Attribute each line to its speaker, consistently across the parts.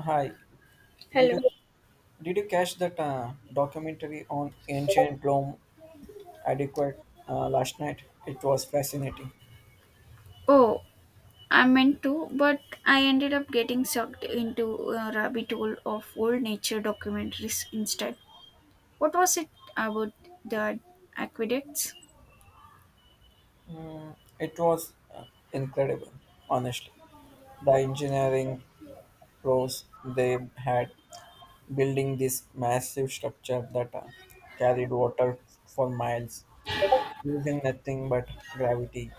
Speaker 1: Hi, did you
Speaker 2: Hello.
Speaker 1: did you catch that documentary on ancient Rome adequate last night? It was fascinating.
Speaker 2: Oh, I meant to, but I ended up getting sucked into a rabbit hole of old nature documentaries instead. What was it about the aqueducts?
Speaker 1: Mm, it was incredible, honestly. The engineering pros they had building this massive structure that carried water for miles using nothing but gravity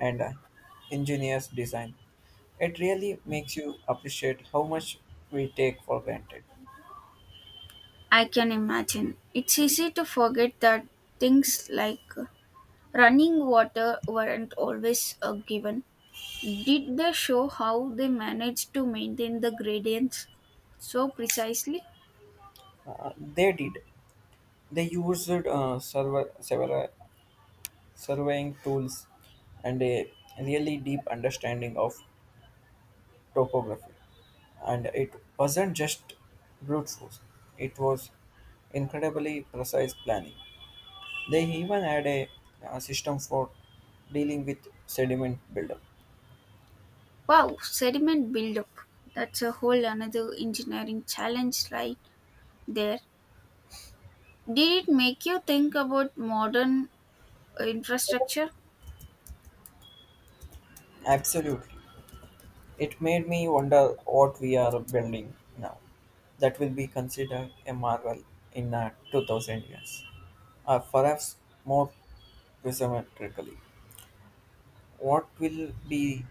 Speaker 1: and ingenious design. It really makes you appreciate how much we take for granted.
Speaker 2: I can imagine. It's easy to forget that things like running water weren't always a given. Did they show how they managed to maintain the gradients so precisely?
Speaker 1: They did. They used several surveying tools and a really deep understanding of topography. And it wasn't just brute force, it was incredibly precise planning. They even had a system for dealing with sediment buildup.
Speaker 2: Wow, sediment buildup. That's a whole another engineering challenge right there. Did it make you think about modern infrastructure?
Speaker 1: Absolutely. It made me wonder what we are building now that will be considered a marvel in 2000 years, or perhaps more presumptuously, what will be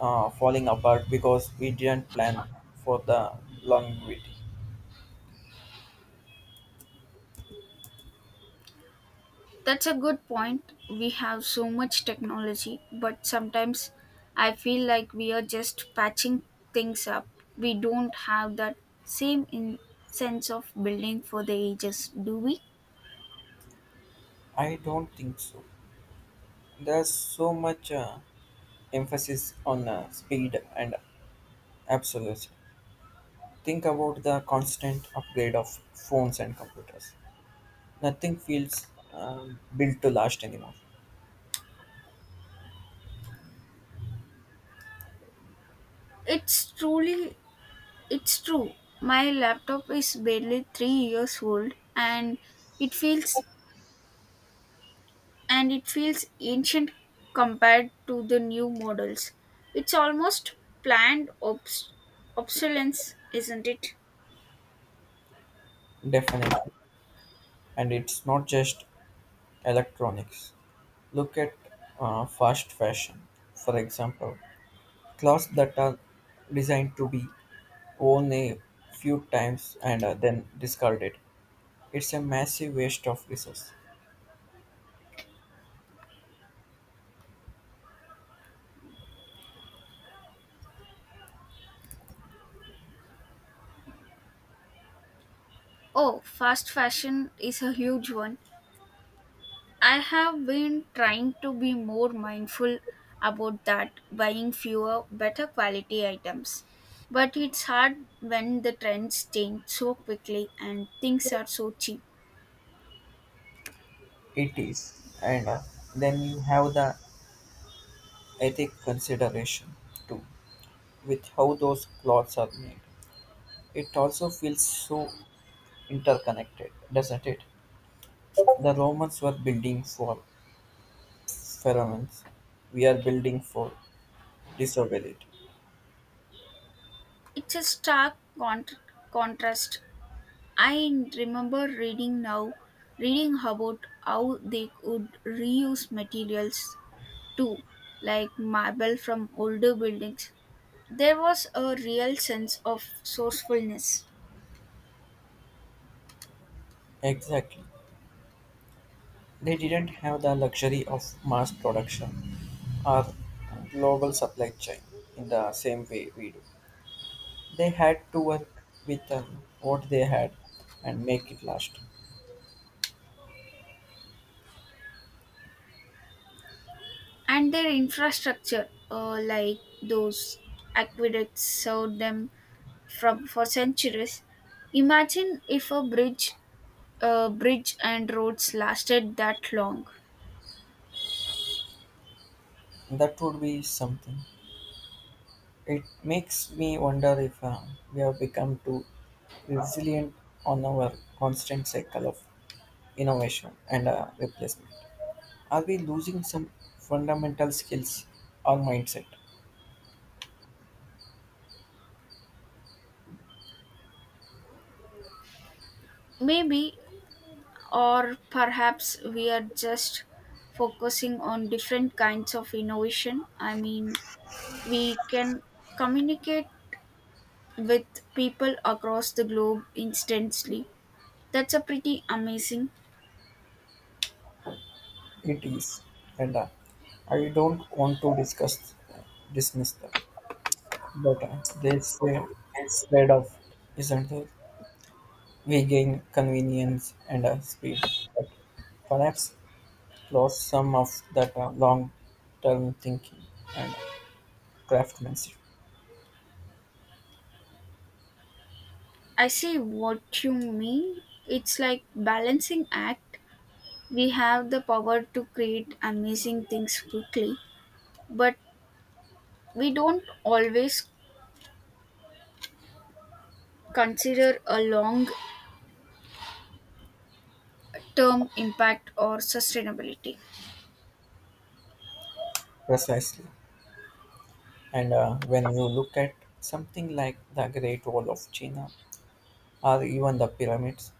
Speaker 1: falling apart because we didn't plan for the longevity.
Speaker 2: That's a good point. We have so much technology, but sometimes I feel like we are just patching things up. We don't have that same sense of building for the ages, do we?
Speaker 1: I don't think so. There's so much emphasis on speed and absolutes. Think about the constant upgrade of phones and computers. Nothing feels built to last anymore.
Speaker 2: It's truly, it's true. My laptop is barely 3 years old and it feels it feels ancient compared to the new models. It's almost planned obs- obsolescence, isn't it?
Speaker 1: Definitely. And it's not just electronics. Look at fast fashion, for example. Clothes that are designed to be worn a few times and then discarded. It's a massive waste of resource.
Speaker 2: Oh, fast fashion is a huge one. I have been trying to be more mindful about that, buying fewer, better quality items. But it's hard when the trends change so quickly and things are so cheap.
Speaker 1: It is. And then you have the ethic consideration too, with how those clothes are made. It also feels so interconnected, doesn't it? The Romans were building for pheromones. We are building for disobedient.
Speaker 2: It's a contrast. I remember reading about how they could reuse materials too, like marble from older buildings. There was a real sense of sourcefulness,
Speaker 1: Exactly. They didn't have the luxury of mass production or global supply chain in the same way we do. They had to work with what they had and make it last.
Speaker 2: and their infrastructure, like those aqueducts, served them from for centuries. Imagine if a bridge and roads lasted that long.
Speaker 1: That would be something. It makes me wonder if we have become too resilient on our constant cycle of innovation and replacement. Are we losing some fundamental skills or mindset?
Speaker 2: Maybe, or perhaps we are just focusing on different kinds of innovation. I mean, we can communicate with people across the globe instantly. That's a pretty amazing.
Speaker 1: It is, and I don't want to discuss dismiss them, but there's a trade-off, isn't there? We gain convenience and speed, but perhaps lost some of that long-term thinking and craftsmanship.
Speaker 2: I see what you mean. It's like balancing act. We have the power to create amazing things quickly, but we don't always consider a long term impact or sustainability.
Speaker 1: Precisely. And when you look at something like the Great Wall of China or even the pyramids,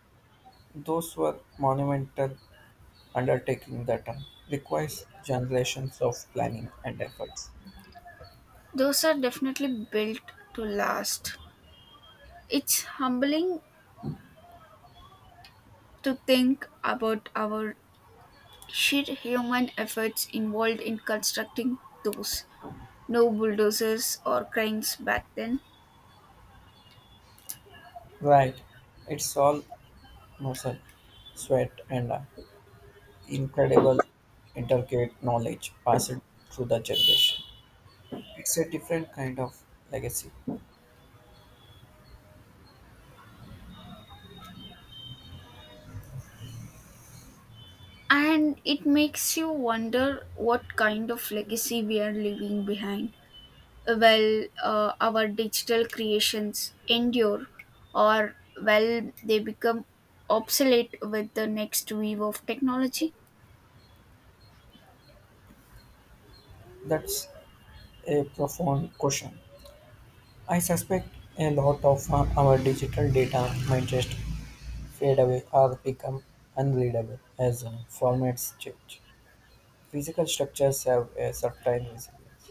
Speaker 1: those were monumental undertaking that requires generations of planning and efforts.
Speaker 2: Those are definitely built to last. It's humbling to think about our sheer human efforts involved in constructing those. No bulldozers or cranes back then.
Speaker 1: Right, it's all muscle, sweat, and incredible intricate knowledge passed through the generation. It's a different kind of legacy.
Speaker 2: And it makes you wonder what kind of legacy we are leaving behind. Well, our digital creations endure, or well, they become obsolete with the next wave of technology.
Speaker 1: That's a profound question. I suspect a lot of our digital data might just fade away or become unreadable as formats change. Physical structures have a certain resilience.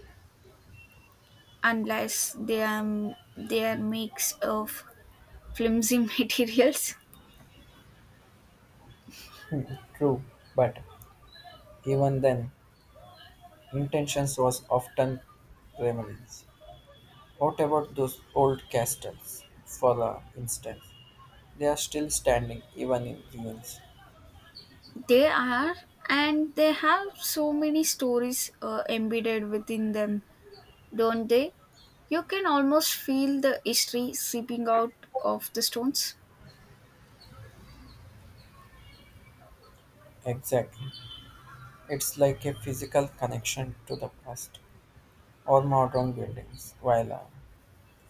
Speaker 2: Unless they are mix of flimsy materials.
Speaker 1: Mhm. True, but even then, intentions was often reminiscent. What about those old castles, for instance? They are still standing even in ruins.
Speaker 2: They are, and they have so many stories embedded within them, don't they? You can almost feel the history seeping out of the stones.
Speaker 1: Exactly. It's like a physical connection to the past or modern buildings, while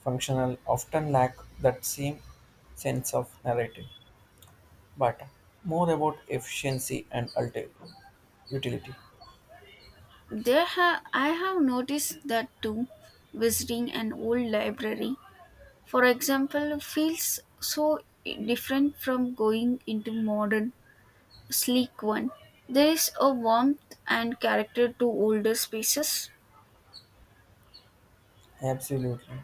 Speaker 1: functional often lack that same sense of narrative, but more about efficiency and utility.
Speaker 2: I have noticed that too. Visiting an old library, for example, feels so different from going into modern sleek one. There is a warmth and character to older spaces.
Speaker 1: Absolutely.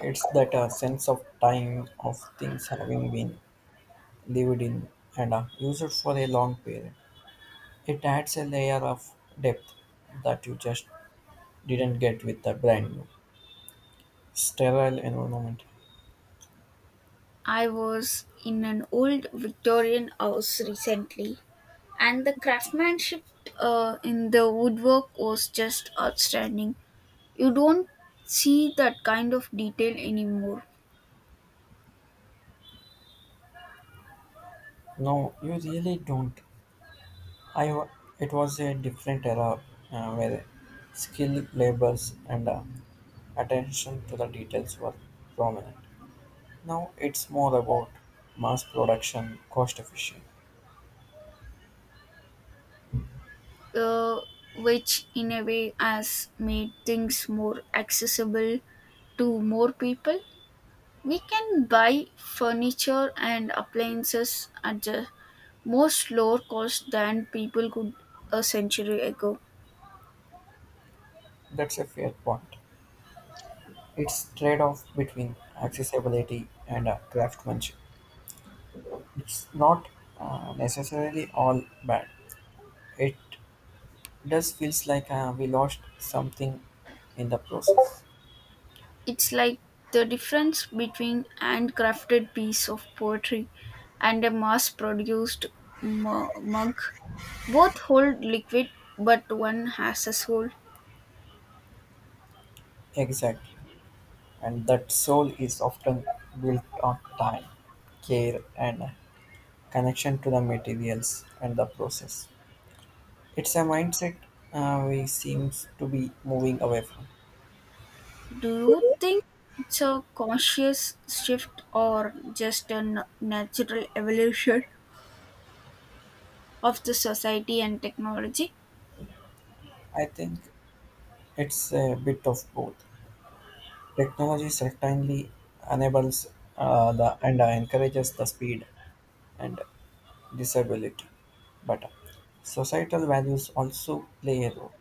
Speaker 1: It's that sense of time, of things having been lived in and used for a long period. It adds a layer of depth that you just didn't get with the brand new, sterile environment.
Speaker 2: I was in an old Victorian house recently, and the craftsmanship in the woodwork was just outstanding. You don't see that kind of detail anymore.
Speaker 1: No, you really don't. I, wa- it was a different era where skilled labors, and attention to the details were prominent. Now it's more about mass production, cost efficient.
Speaker 2: uh, which in a way has made things more accessible to more people. We can buy furniture and appliances at the most lower cost than people could a century ago.
Speaker 1: That's a fair point. It's trade-off between accessibility and craftsmanship. It's not necessarily all bad. It does feels like we lost something in the process.
Speaker 2: It's like the difference between handcrafted piece of poetry and a mug. Both hold liquid, but one has a soul.
Speaker 1: Exactly, and that soul is often built on time, care, and connection to the materials and the process. It's a mindset we seems to be moving away from.
Speaker 2: Do you think it's a conscious shift or just a natural evolution of the society and technology?
Speaker 1: I think it's a bit of both. Technology certainly enables the and encourages the speed and disability, but societal values also play a role.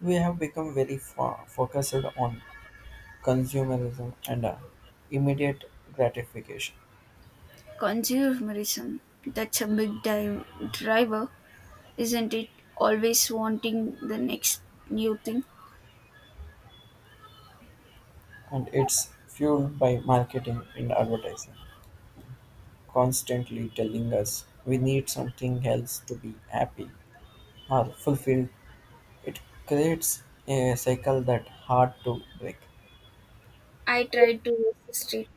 Speaker 1: We have become very focused on consumerism and immediate gratification,
Speaker 2: Consumerism, that's a driver, isn't it? Always wanting the next new thing.
Speaker 1: and it's fueled by marketing and advertising, constantly telling us we need something else to be happy or fulfilled. It creates a cycle that hard to break.
Speaker 2: I try to resist it,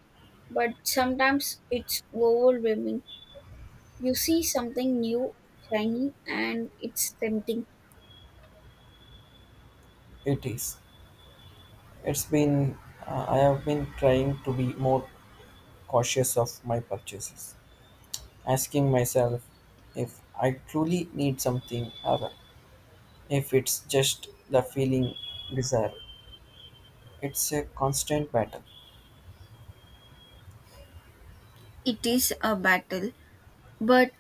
Speaker 2: but sometimes it's overwhelming. You see something new, shiny, and it's tempting.
Speaker 1: It is. It's been, I have been trying to be more cautious of my purchases, asking myself if I truly need something or if it's just the feeling desire. It's a constant battle,
Speaker 2: It is a battle, but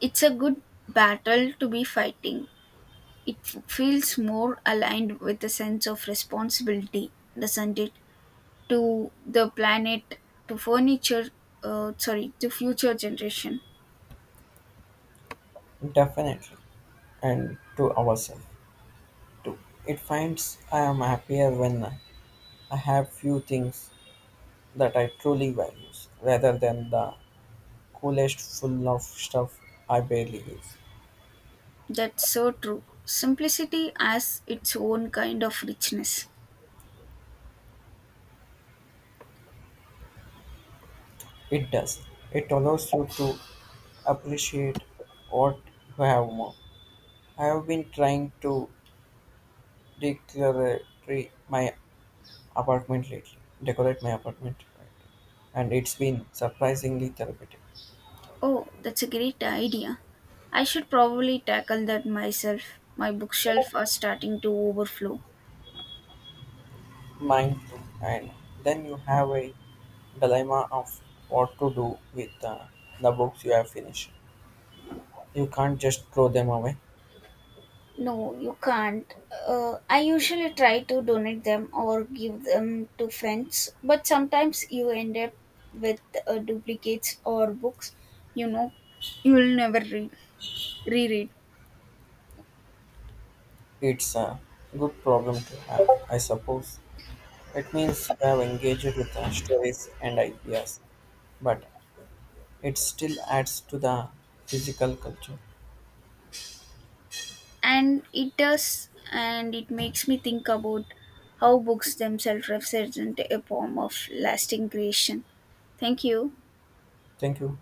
Speaker 2: it's a good battle to be fighting. It feels more aligned with a sense of responsibility, doesn't it? To the planet, to furniture sorry, to future generation.
Speaker 1: definitely, and to ourselves too. It finds I am happier when I have few things that I truly value rather than the coolest full of stuff I barely use.
Speaker 2: That's so true, simplicity has its own kind of richness.
Speaker 1: It does. It allows you to appreciate what you have more. I have been trying to decorate my apartment lately, decorate my apartment, right. And it's been surprisingly therapeutic.
Speaker 2: Oh, that's a great idea. I should probably tackle that myself. My bookshelf are starting to overflow.
Speaker 1: Mine too. And then you have a dilemma of what to do with the books you have finished. You can't just throw them away.
Speaker 2: No, you can't. I usually try to donate them or give them to friends, but sometimes you end up with duplicates or books you know you will never read reread.
Speaker 1: It's a good problem to have, I suppose. It means you have engaged with the stories and ideas, but it still adds to the physical culture.
Speaker 2: And it does, and it makes me think about how books themselves represent a form of lasting creation. Thank you.
Speaker 1: Thank you.